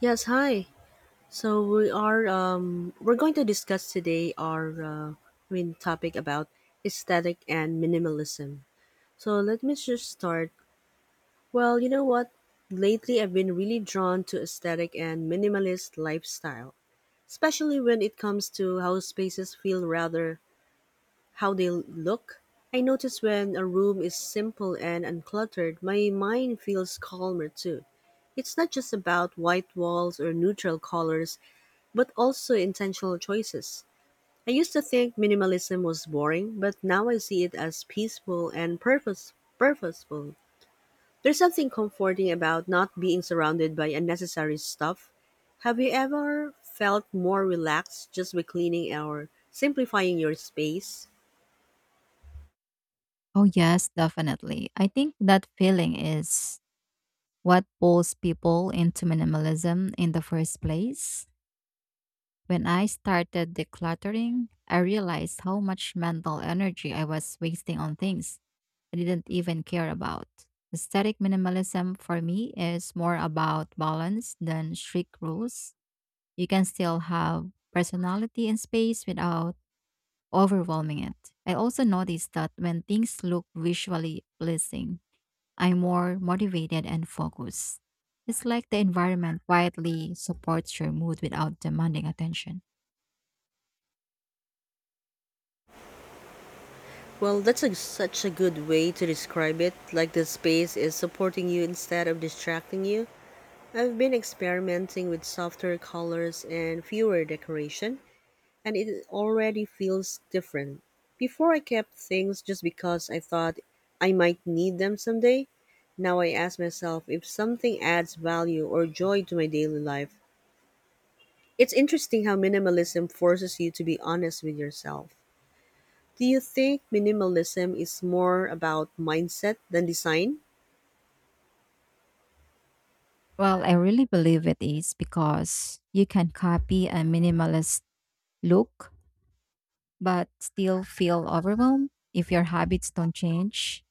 Yes, hi. So we are we're going to discuss today our main topic about aesthetic and minimalism. So let me just start. Well, you know what? Lately I've been really drawn to aesthetic and minimalist lifestyle, especially when it comes to how spaces feel rather how they look. I notice when a room is simple and uncluttered, my mind feels calmer too. It's not just about white walls or neutral colors but also intentional choices. I used to think minimalism was boring, but now I see it as peaceful and purposeful. There's something comforting about not being surrounded by unnecessary stuff. Have you ever felt more relaxed just by cleaning or simplifying your space? Oh, yes, definitely. I think that feeling is what pulls people into minimalism in the first place. When I started decluttering, I realized how much mental energy I was wasting on things I didn't even care about. Aesthetic minimalism for me is more about balance than strict rules. You can still have personality and space without overwhelming it. I also noticed that when things look visually pleasing, I'm more motivated and focused. It's like the environment quietly supports your mood without demanding attention. Well, such a good way to describe it, like the space is supporting you instead of distracting you. I've been experimenting with softer colors and fewer decoration, and it already feels different. Before I kept things just because I thought I might need them someday. Now I ask myself if something adds value or joy to my daily life. It's interesting how minimalism forces you to be honest with yourself. Do you think minimalism is more about mindset than design? Well, I really believe it is because you can copy a minimalist look but still feel overwhelmed if your habits don't change.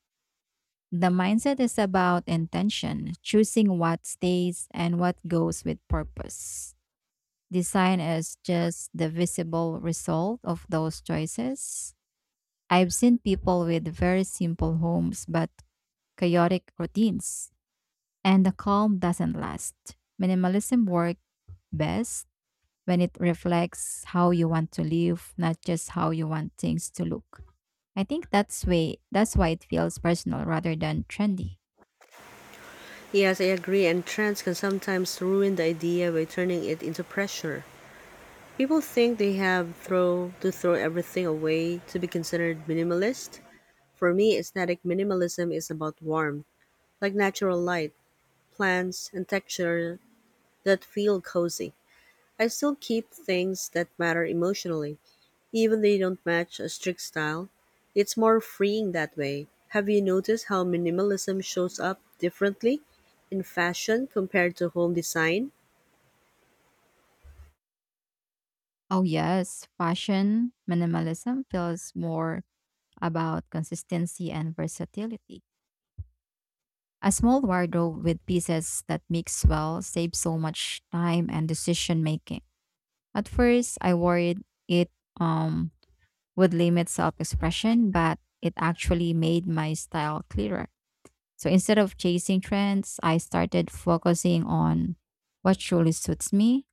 The mindset is about intention, choosing what stays and what goes with purpose. Design is just the visible result of those choices. I've seen people with very simple homes but chaotic routines, and the calm doesn't last. Minimalism works best when it reflects how you want to live, not just how you want things to look. I think that's why it feels personal rather than trendy. Yes, I agree, and trends can sometimes ruin the idea by turning it into pressure. People think they have throw to throw everything away to be considered minimalist. For me, aesthetic minimalism is about warmth, like natural light, plants, and texture that feel cozy. I still keep things that matter emotionally, even they don't match a strict style. It's more freeing that way. Have you noticed how minimalism shows up differently in fashion compared to home design? Oh yes, fashion minimalism feels more about consistency and versatility. A small wardrobe with pieces that mix well saves so much time and decision making. At first, I worried it um, would limit self expression, but it actually made my style clearer. So instead of chasing trends, I started focusing on what truly suits me.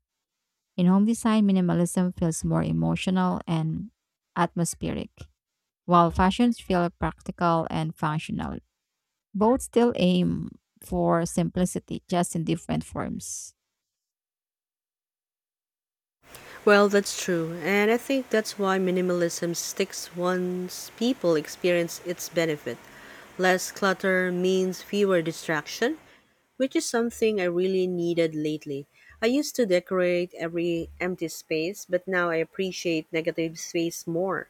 In home design, minimalism feels more emotional and atmospheric, while fashions feel practical and functional. Both still aim for simplicity, just in different forms. Well, that's true, and I think that's why minimalism sticks once people experience its benefit. Less clutter means fewer distractions, which is something I really needed lately. I used to decorate every empty space, but now I appreciate negative space more.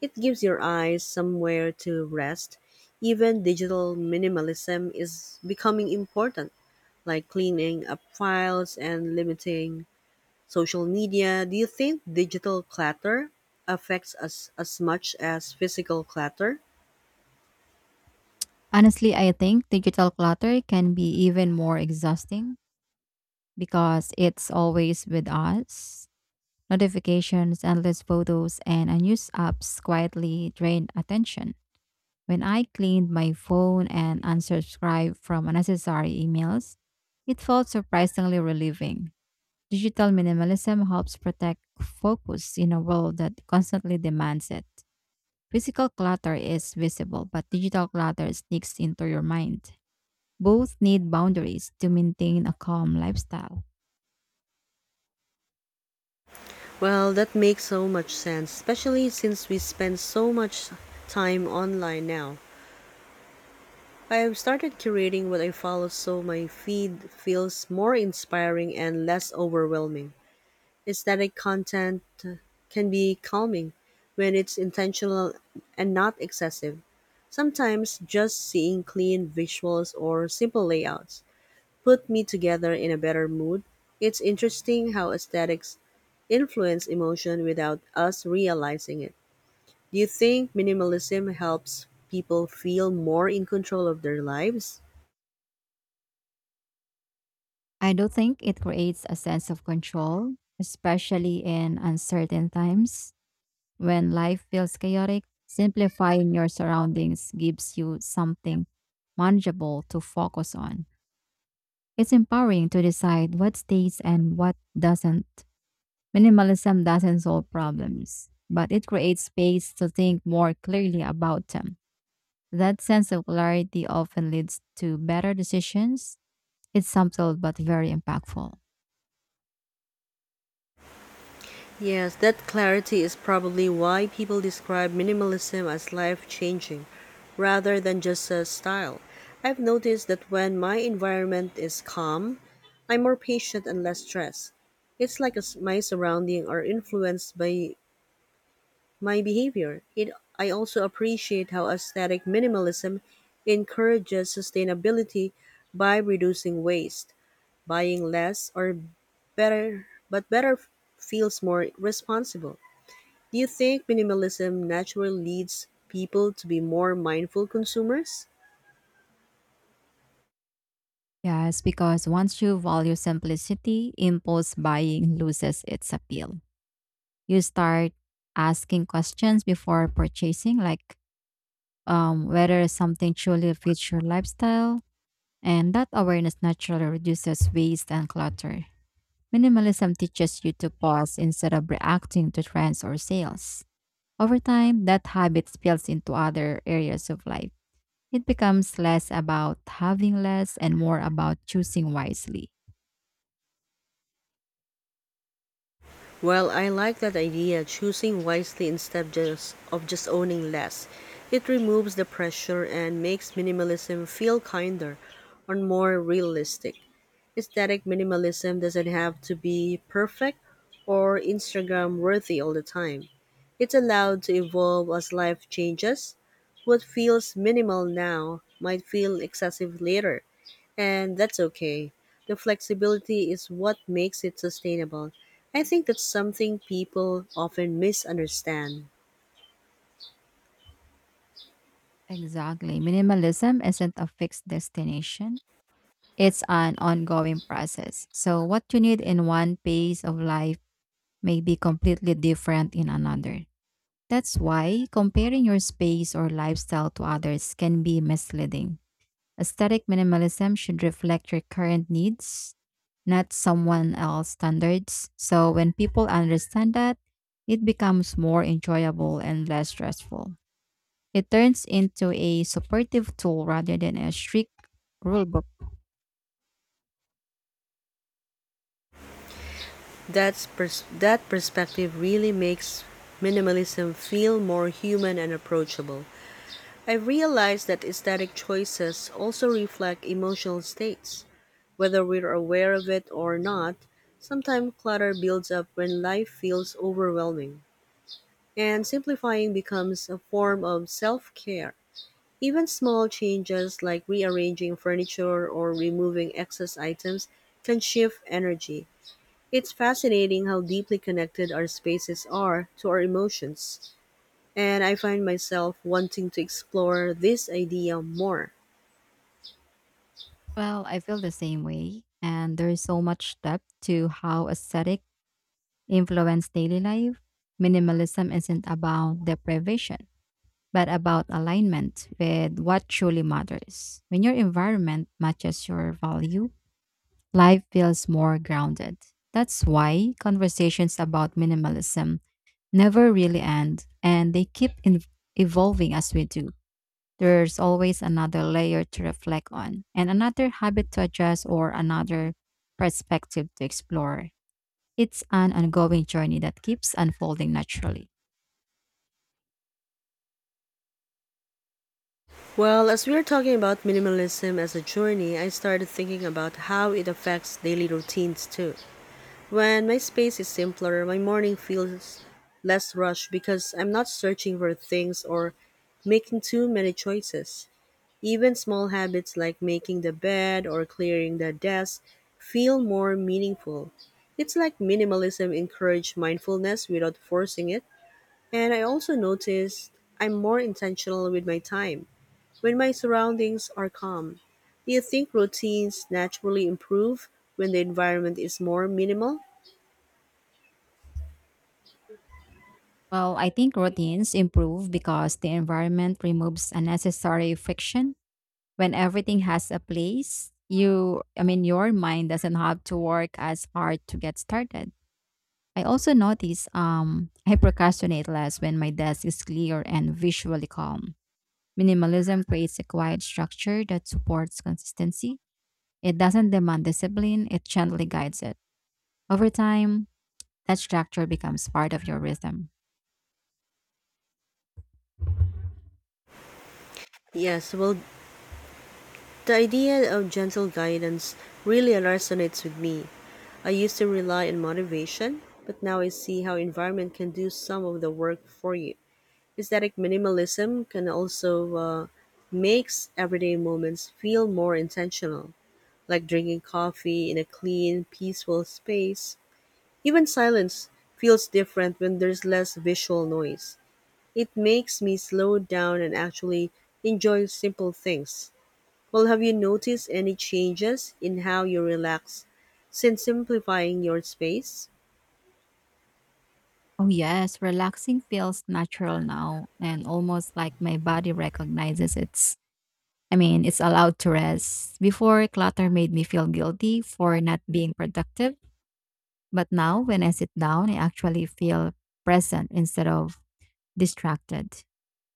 It gives your eyes somewhere to rest. Even digital minimalism is becoming important, like cleaning up files and limiting social media. Do you think digital clutter affects us as much as physical clutter? Honestly, I think digital clutter can be even more exhausting because it's always with us. Notifications, endless photos, and unused apps quietly drain attention. When I cleaned my phone and unsubscribed from unnecessary emails, it felt surprisingly relieving. Digital minimalism helps protect focus in a world that constantly demands it. Physical clutter is visible, but digital clutter sneaks into your mind. Both need boundaries to maintain a calm lifestyle. Well, that makes so much sense, especially since we spend so much time online now. I've started curating what I follow so my feed feels more inspiring and less overwhelming. Aesthetic content can be calming when it's intentional and not excessive. Sometimes just seeing clean visuals or simple layouts put me together in a better mood. It's interesting how aesthetics influence emotion without us realizing it. Do you think minimalism helps people feel more in control of their lives? I do think it creates a sense of control, especially in uncertain times when life feels chaotic. Simplifying your surroundings gives you something manageable to focus on. It's empowering to decide what stays and what doesn't. Minimalism doesn't solve problems, but it creates space to think more clearly about them. That sense of clarity often leads to better decisions. It's subtle but very impactful. Yes, that clarity is probably why people describe minimalism as life changing rather than just a style. I've noticed that when my environment is calm, I'm more patient and less stressed. It's like my surroundings are influenced by my behavior. I also appreciate how aesthetic minimalism encourages sustainability by reducing waste. Buying less or better feels more responsible. Do you think minimalism naturally leads people to be more mindful consumers? Yes, because once you value simplicity, impulse buying loses its appeal. You start asking questions before purchasing, like whether something truly fits your lifestyle, and that awareness naturally reduces waste and clutter. Minimalism teaches you to pause instead of reacting to trends or sales. Over time, that habit spills into other areas of life. It becomes less about having less and more about choosing wisely. Well, I like that idea, choosing wisely instead just of just owning less. It removes the pressure and makes minimalism feel kinder and more realistic. Aesthetic minimalism doesn't have to be perfect or Instagram worthy all the time. It's allowed to evolve as life changes. What feels minimal now might feel excessive later, and that's okay. The flexibility is what makes it sustainable. I think that's something people often misunderstand. Exactly. Minimalism isn't a fixed destination, it's an ongoing process. So, what you need in one phase of life may be completely different in another. That's why comparing your space or lifestyle to others can be misleading. Aesthetic minimalism should reflect your current needs, not someone else's standards. So when people understand that, it becomes more enjoyable and less stressful. It turns into a supportive tool rather than a strict rule book. That perspective really makes minimalism feel more human and approachable. I realized that aesthetic choices also reflect emotional states. Whether we're aware of it or not, sometimes clutter builds up when life feels overwhelming, and simplifying becomes a form of self care. Even small changes like rearranging furniture or removing excess items can shift energy. It's fascinating how deeply connected our spaces are to our emotions, and I find myself wanting to explore this idea more. Well, I feel the same way, and there is so much depth to how aesthetic influence daily life. Minimalism isn't about deprivation, but about alignment with what truly matters. When your environment matches your value, life feels more grounded. That's why conversations about minimalism never really end and they keep evolving as we do. There's always another layer to reflect on, and another habit to adjust, or another perspective to explore. It's an ongoing journey that keeps unfolding naturally. Well, as we are talking about minimalism as a journey, I started thinking about how it affects daily routines too. When my space is simpler, my morning feels less rushed because I'm not searching for things or making too many choices. Even small habits like making the bed or clearing the desk feel more meaningful. It's like minimalism encourages mindfulness without forcing it. And I also noticed I'm more intentional with my time when my surroundings are calm. Do you think routines naturally improve when the environment is more minimal? Well, I think routines improve because the environment removes unnecessary friction. When everything has a place, your mind doesn't have to work as hard to get started. I also notice I procrastinate less when my desk is clear and visually calm. Minimalism creates a quiet structure that supports consistency. It doesn't demand discipline, it gently guides it. Over time, that structure becomes part of your rhythm. Yes, well, the idea of gentle guidance really resonates with me. I used to rely on motivation, but now I see how environment can do some of the work for you. Aesthetic minimalism can also makes everyday moments feel more intentional, like drinking coffee in a clean, peaceful space. Even silence feels different when there's less visual noise. It makes me slow down and actually enjoy simple things. Well, have you noticed any changes in how you relax since simplifying your space? Oh, yes, relaxing feels natural now and almost like my body recognizes it's allowed to rest. Before, clutter made me feel guilty for not being productive. But now, when I sit down, I actually feel present instead of distracted.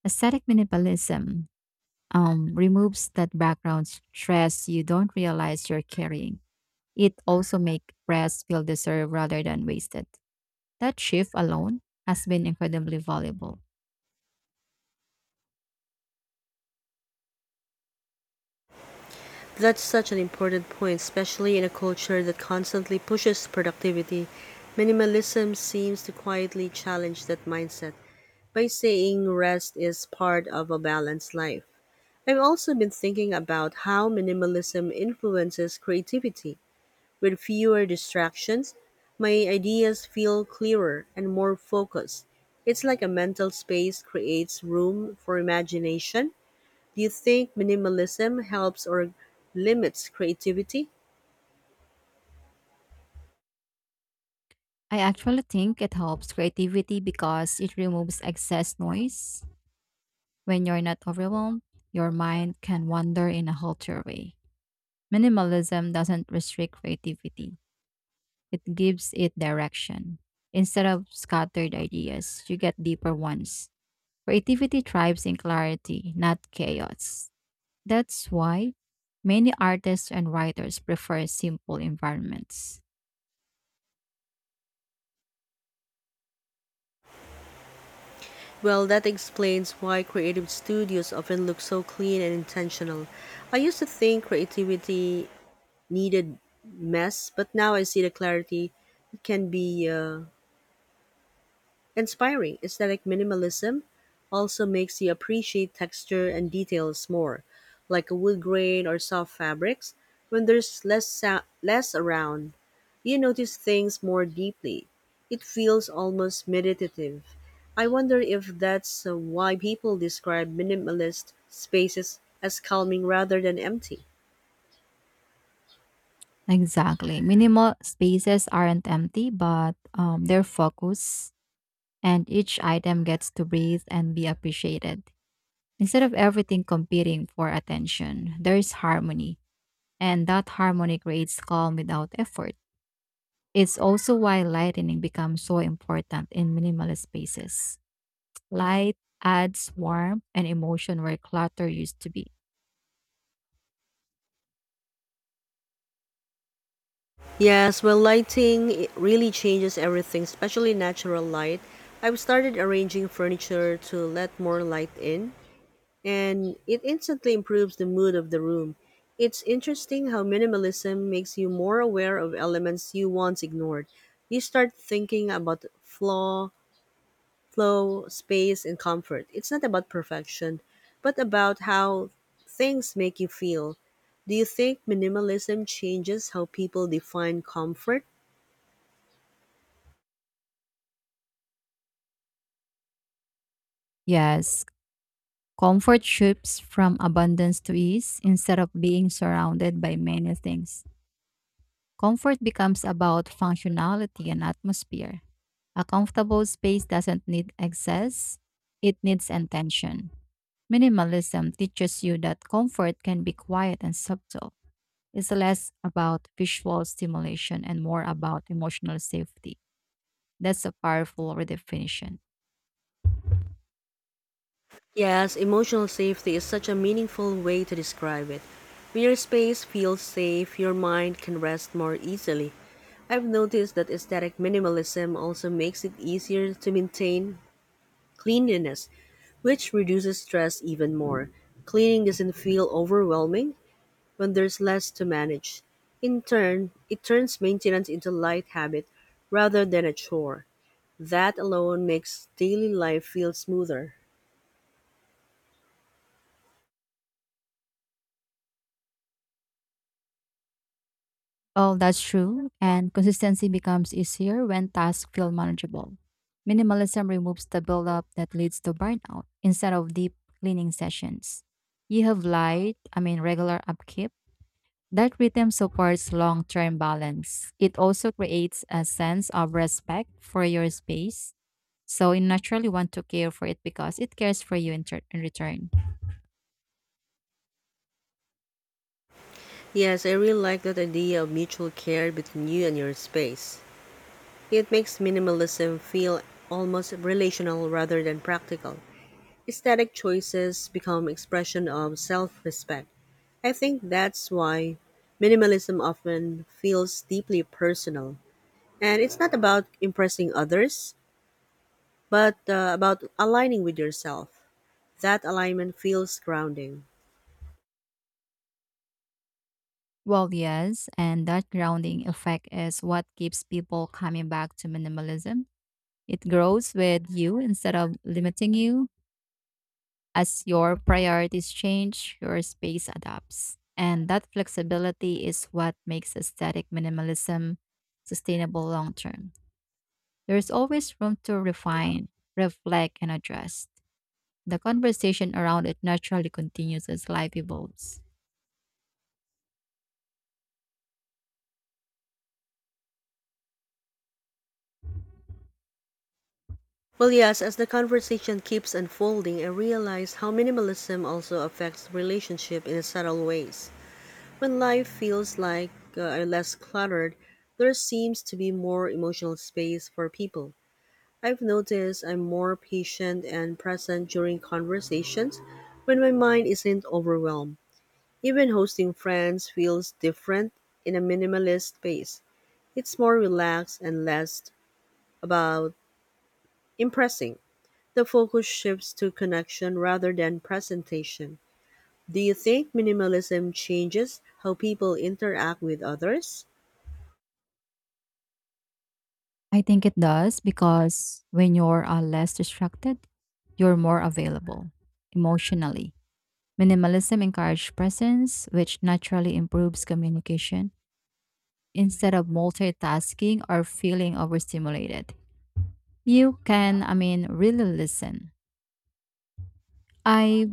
Aesthetic minimalism removes that background stress you don't realize you're carrying. It also makes rest feel deserved rather than wasted. That shift alone has been incredibly valuable. That's such an important point, especially in a culture that constantly pushes productivity. Minimalism seems to quietly challenge that mindset by saying rest is part of a balanced life. I've also been thinking about how minimalism influences creativity. With fewer distractions, my ideas feel clearer and more focused. It's like a mental space creates room for imagination. Do you think minimalism helps or limits creativity? I actually think it helps creativity because it removes excess noise. When you're not overwhelmed, your mind can wander in a healthier way. Minimalism doesn't restrict creativity, it gives it direction. Instead of scattered ideas, you get deeper ones. Creativity thrives in clarity, not chaos. That's why many artists and writers prefer simple environments. Well, that explains why creative studios often look so clean and intentional. I used to think creativity needed mess, but now I see the clarity it can be inspiring. Aesthetic minimalism also makes you appreciate texture and details more, like a wood grain or soft fabrics. When there's less around, you notice things more deeply. It feels almost meditative. I wonder if that's why people describe minimalist spaces as calming rather than empty. Exactly. Minimal spaces aren't empty, but they're focused, and each item gets to breathe and be appreciated. Instead of everything competing for attention, there is harmony, and that harmony creates calm without effort. It's also why lighting becomes so important in minimalist spaces. Light adds warmth and emotion where clutter used to be. Yes, well, lighting it really changes everything, especially natural light. I've started arranging furniture to let more light in, and it instantly improves the mood of the room. It's interesting how minimalism makes you more aware of elements you once ignored. You start thinking about flow, space, and comfort. It's not about perfection, but about how things make you feel. Do you think minimalism changes how people define comfort? Yes, comfort shifts from abundance to ease instead of being surrounded by many things. Comfort becomes about functionality and atmosphere. A comfortable space doesn't need excess, it needs intention. Minimalism teaches you that comfort can be quiet and subtle. It's less about visual stimulation and more about emotional safety. That's a powerful redefinition. Yes, emotional safety is such a meaningful way to describe it. When your space feels safe, your mind can rest more easily. I've noticed that aesthetic minimalism also makes it easier to maintain cleanliness, which reduces stress even more. Cleaning doesn't feel overwhelming when there's less to manage. In turn, it turns maintenance into light habit rather than a chore. That alone makes daily life feel smoother. Oh, that's true. And consistency becomes easier when tasks feel manageable. Minimalism removes the buildup that leads to burnout instead of deep cleaning sessions. You have regular upkeep. That rhythm supports long term balance. It also creates a sense of respect for your space. So you naturally want to care for it because it cares for you in, in return. Yes, I really like that idea of mutual care between you and your space. It makes minimalism feel almost relational rather than practical. Aesthetic choices become expression of self-respect. I think that's why minimalism often feels deeply personal. And it's not about impressing others, but about aligning with yourself. That alignment feels grounding. Well, yes, and that grounding effect is what keeps people coming back to minimalism. It grows with you instead of limiting you. As your priorities change, your space adapts. And that flexibility is what makes aesthetic minimalism sustainable long term. There's always room to refine, reflect, and adjust. The conversation around it naturally continues as life evolves. Well, yes, as the conversation keeps unfolding, I realize how minimalism also affects relationship in subtle ways. When life feels like less cluttered, there seems to be more emotional space for people. I've noticed I'm more patient and present during conversations when my mind isn't overwhelmed. Even hosting friends feels different in a minimalist space. It's more relaxed and less about impressing. The focus shifts to connection rather than presentation. Do you think minimalism changes how people interact with others? I think it does because when you're less distracted, you're more available emotionally. Minimalism encourages presence, which naturally improves communication instead of multitasking or feeling overstimulated. You can really listen. I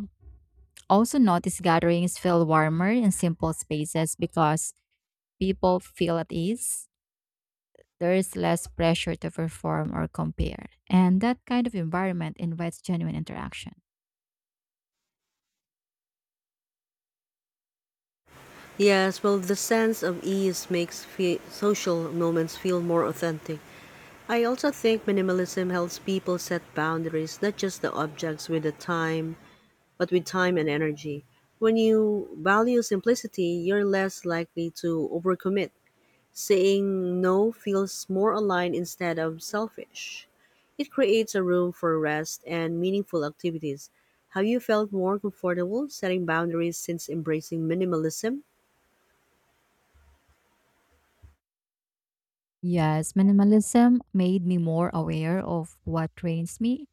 also notice gatherings feel warmer in simple spaces because people feel at ease. There is less pressure to perform or compare. And that kind of environment invites genuine interaction. Yes, well, the sense of ease makes social moments feel more authentic. I also think minimalism helps people set boundaries, not just the objects, with time and energy. When you value simplicity, you're less likely to overcommit. Saying no feels more aligned instead of selfish. It creates a room for rest and meaningful activities. Have you felt more comfortable setting boundaries since embracing minimalism? Yes, minimalism made me more aware of what drains me.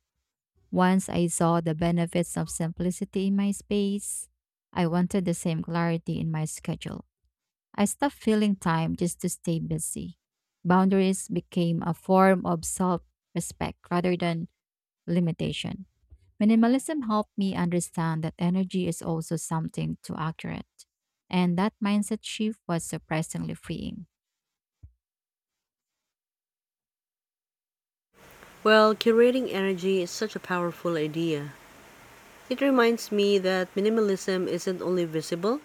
Once I saw the benefits of simplicity in my space, I wanted the same clarity in my schedule. I stopped filling time just to stay busy. Boundaries became a form of self respect rather than limitation. Minimalism helped me understand that energy is also something to accurate. And that mindset shift was surprisingly freeing. Well, curating energy is such a powerful idea. It reminds me that minimalism isn't only visible,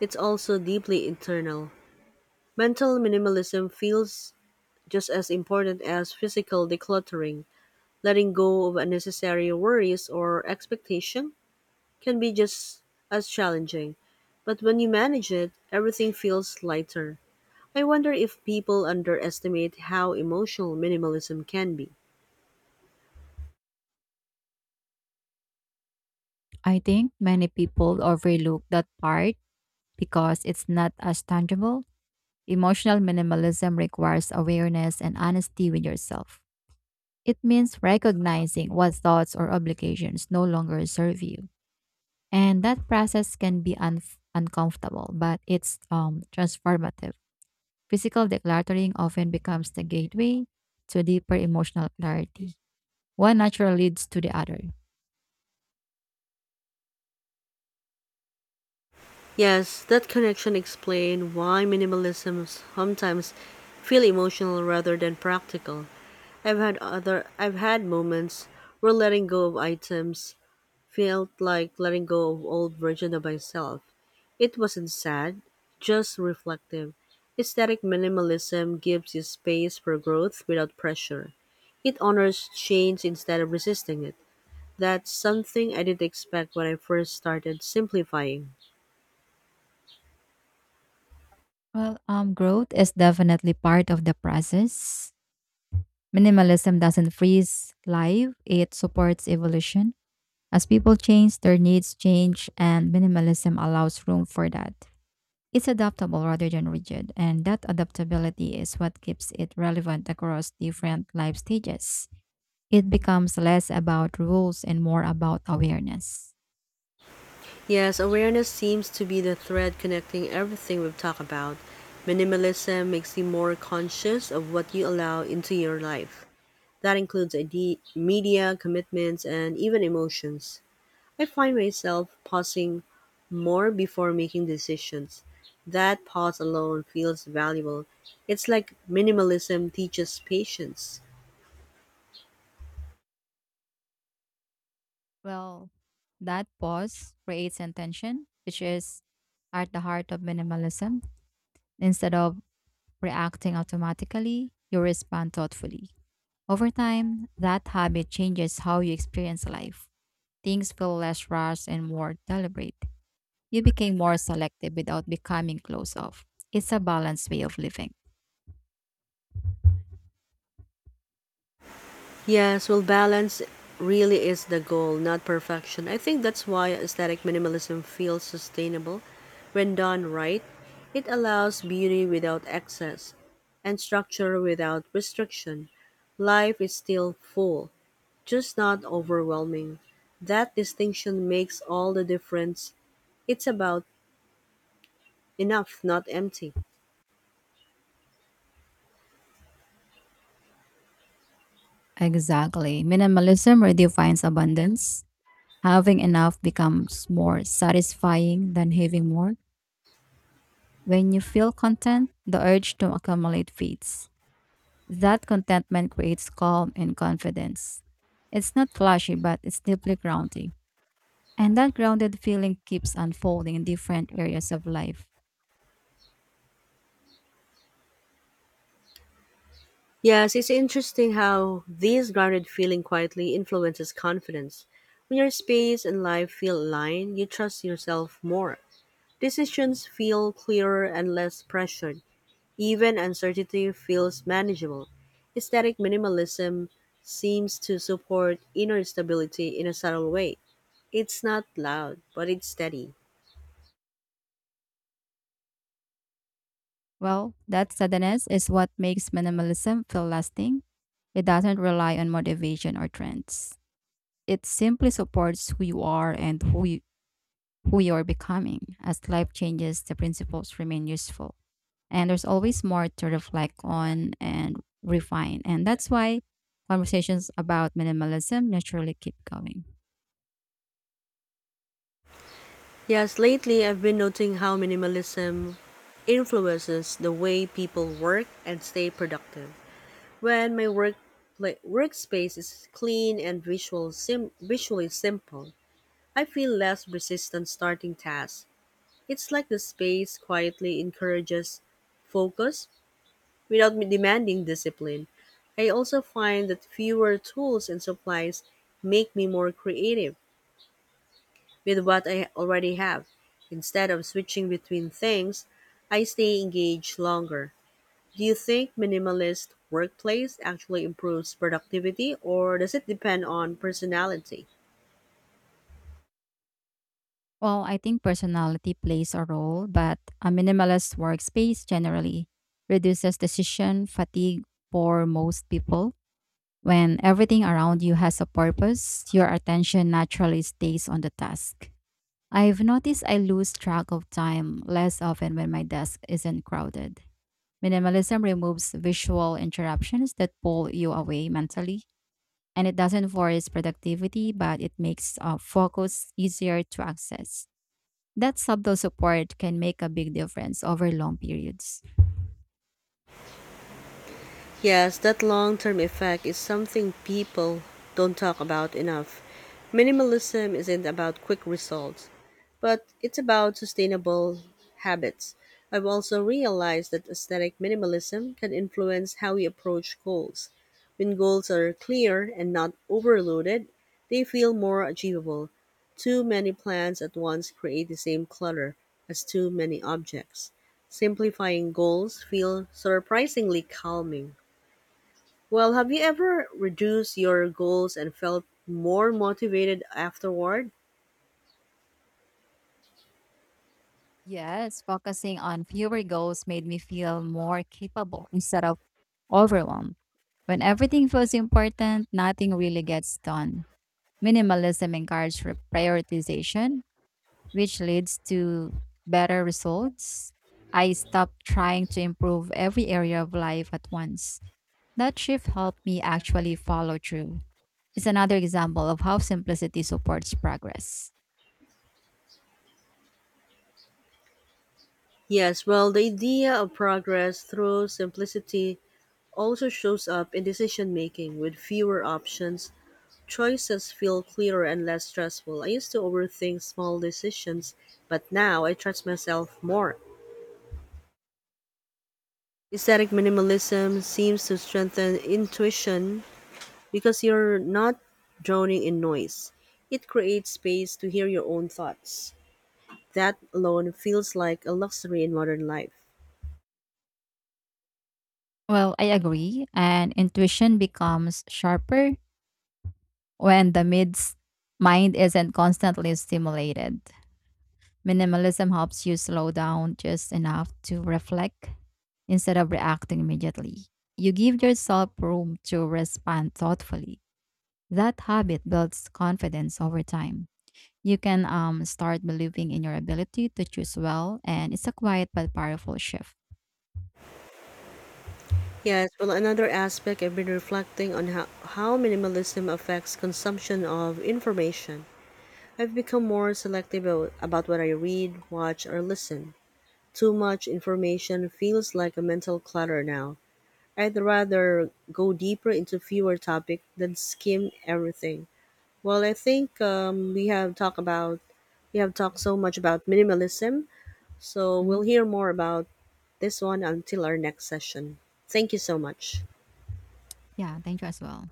it's also deeply internal. Mental minimalism feels just as important as physical decluttering. Letting go of unnecessary worries or expectation can be just as challenging. But when you manage it, everything feels lighter. I wonder if people underestimate how emotional minimalism can be. I think many people overlook that part because it's not as tangible. Emotional minimalism requires awareness and honesty with yourself. It means recognizing what thoughts or obligations no longer serve you. And that process can be uncomfortable, but it's transformative. Physical decluttering often becomes the gateway to deeper emotional clarity. One natural leads to the other. Yes, that connection explains why minimalism sometimes feel emotional rather than practical. I've had moments where letting go of items felt like letting go of old version of myself. It wasn't sad, just reflective. Aesthetic minimalism gives you space for growth without pressure. It honors change instead of resisting it. That's something I didn't expect when I first started simplifying. Well, growth is definitely part of the process. Minimalism doesn't freeze life, it supports evolution. As people change, their needs change, and minimalism allows room for that. It's adaptable rather than rigid, and that adaptability is what keeps it relevant across different life stages. It becomes less about rules and more about awareness. Yes, awareness seems to be the thread connecting everything we've talked about. Minimalism makes you more conscious of what you allow into your life. That includes media, commitments, and even emotions. I find myself pausing more before making decisions. That pause alone feels valuable. It's like minimalism teaches patience. Well, that pause creates intention, which is at the heart of minimalism. Instead of reacting automatically, you respond thoughtfully. Over time, that habit changes how you experience life. Things feel less rushed and more deliberate. You became more selective without becoming closed off. It's a balanced way of living. Yes, well, balance really is the goal, not perfection. I think that's why aesthetic minimalism feels sustainable. When done right, it allows beauty without excess and structure without restriction. Life is still full, just not overwhelming. That distinction makes all the difference. It's about enough, not empty. Exactly. Minimalism redefines abundance. Having enough becomes more satisfying than having more. When you feel content, the urge to accumulate fades. That contentment creates calm and confidence. It's not flashy, but it's deeply grounding. And that grounded feeling keeps unfolding in different areas of life. Yes, it's interesting how this grounded feeling quietly influences confidence. When your space and life feel aligned, you trust yourself more. Decisions feel clearer and less pressured. Even uncertainty feels manageable. Aesthetic minimalism seems to support inner stability in a subtle way. It's not loud, but it's steady. Well, that steadiness is what makes minimalism feel lasting. It doesn't rely on motivation or trends. It simply supports who you are and who you are becoming. As life changes, the principles remain useful. And there's always more to reflect on and refine. And that's why conversations about minimalism naturally keep going. Yes, lately I've been noting how minimalism influences the way people work and stay productive. When my workspace is clean and visually simple, I feel less resistant starting tasks. It's like the space quietly encourages focus without me demanding discipline. I also find that fewer tools and supplies make me more creative with what I already have. Instead of switching between things, I stay engaged longer. Do you think minimalist workplace actually improves productivity or does it depend on personality? Well, I think personality plays a role, but a minimalist workspace generally reduces decision fatigue for most people. When everything around you has a purpose, your attention naturally stays on the task. I've noticed I lose track of time less often when my desk isn't crowded. Minimalism removes visual interruptions that pull you away mentally, and it doesn't force productivity, but it makes focus easier to access. That subtle support can make a big difference over long periods. Yes, that long term effect is something people don't talk about enough. Minimalism isn't about quick results, but it's about sustainable habits. I've also realized that aesthetic minimalism can influence how we approach goals. When goals are clear and not overloaded, they feel more achievable. Too many plans at once create the same clutter as too many objects. Simplifying goals feel surprisingly calming. Well, have you ever reduced your goals and felt more motivated afterward? Yes, focusing on fewer goals made me feel more capable instead of overwhelmed. When everything feels important, nothing really gets done. Minimalism encourages prioritization, which leads to better results. I stopped trying to improve every area of life at once. That shift helped me actually follow through. It's another example of how simplicity supports progress. Yes, well, the idea of progress through simplicity also shows up in decision making. With fewer options, choices feel clearer and less stressful. I used to overthink small decisions, but now I trust myself more. Aesthetic minimalism seems to strengthen intuition because you're not drowning in noise. It creates space to hear your own thoughts. That alone feels like a luxury in modern life. Well, I agree. And intuition becomes sharper when the mid's mind isn't constantly stimulated. Minimalism helps you slow down just enough to reflect instead of reacting immediately. You give yourself room to respond thoughtfully. That habit builds confidence over time. You can start believing in your ability to choose well, and it's a quiet but powerful shift. Yes, well, another aspect I've been reflecting on how minimalism affects consumption of information. I've become more selective about what I read, watch, or listen. Too much information feels like a mental clutter now. I'd rather go deeper into fewer topics than skim everything. Well, I think we have talked so much about minimalism, so we'll Mhm. hear more about this one until our next session. Thank you so much. Yeah, thank you as well.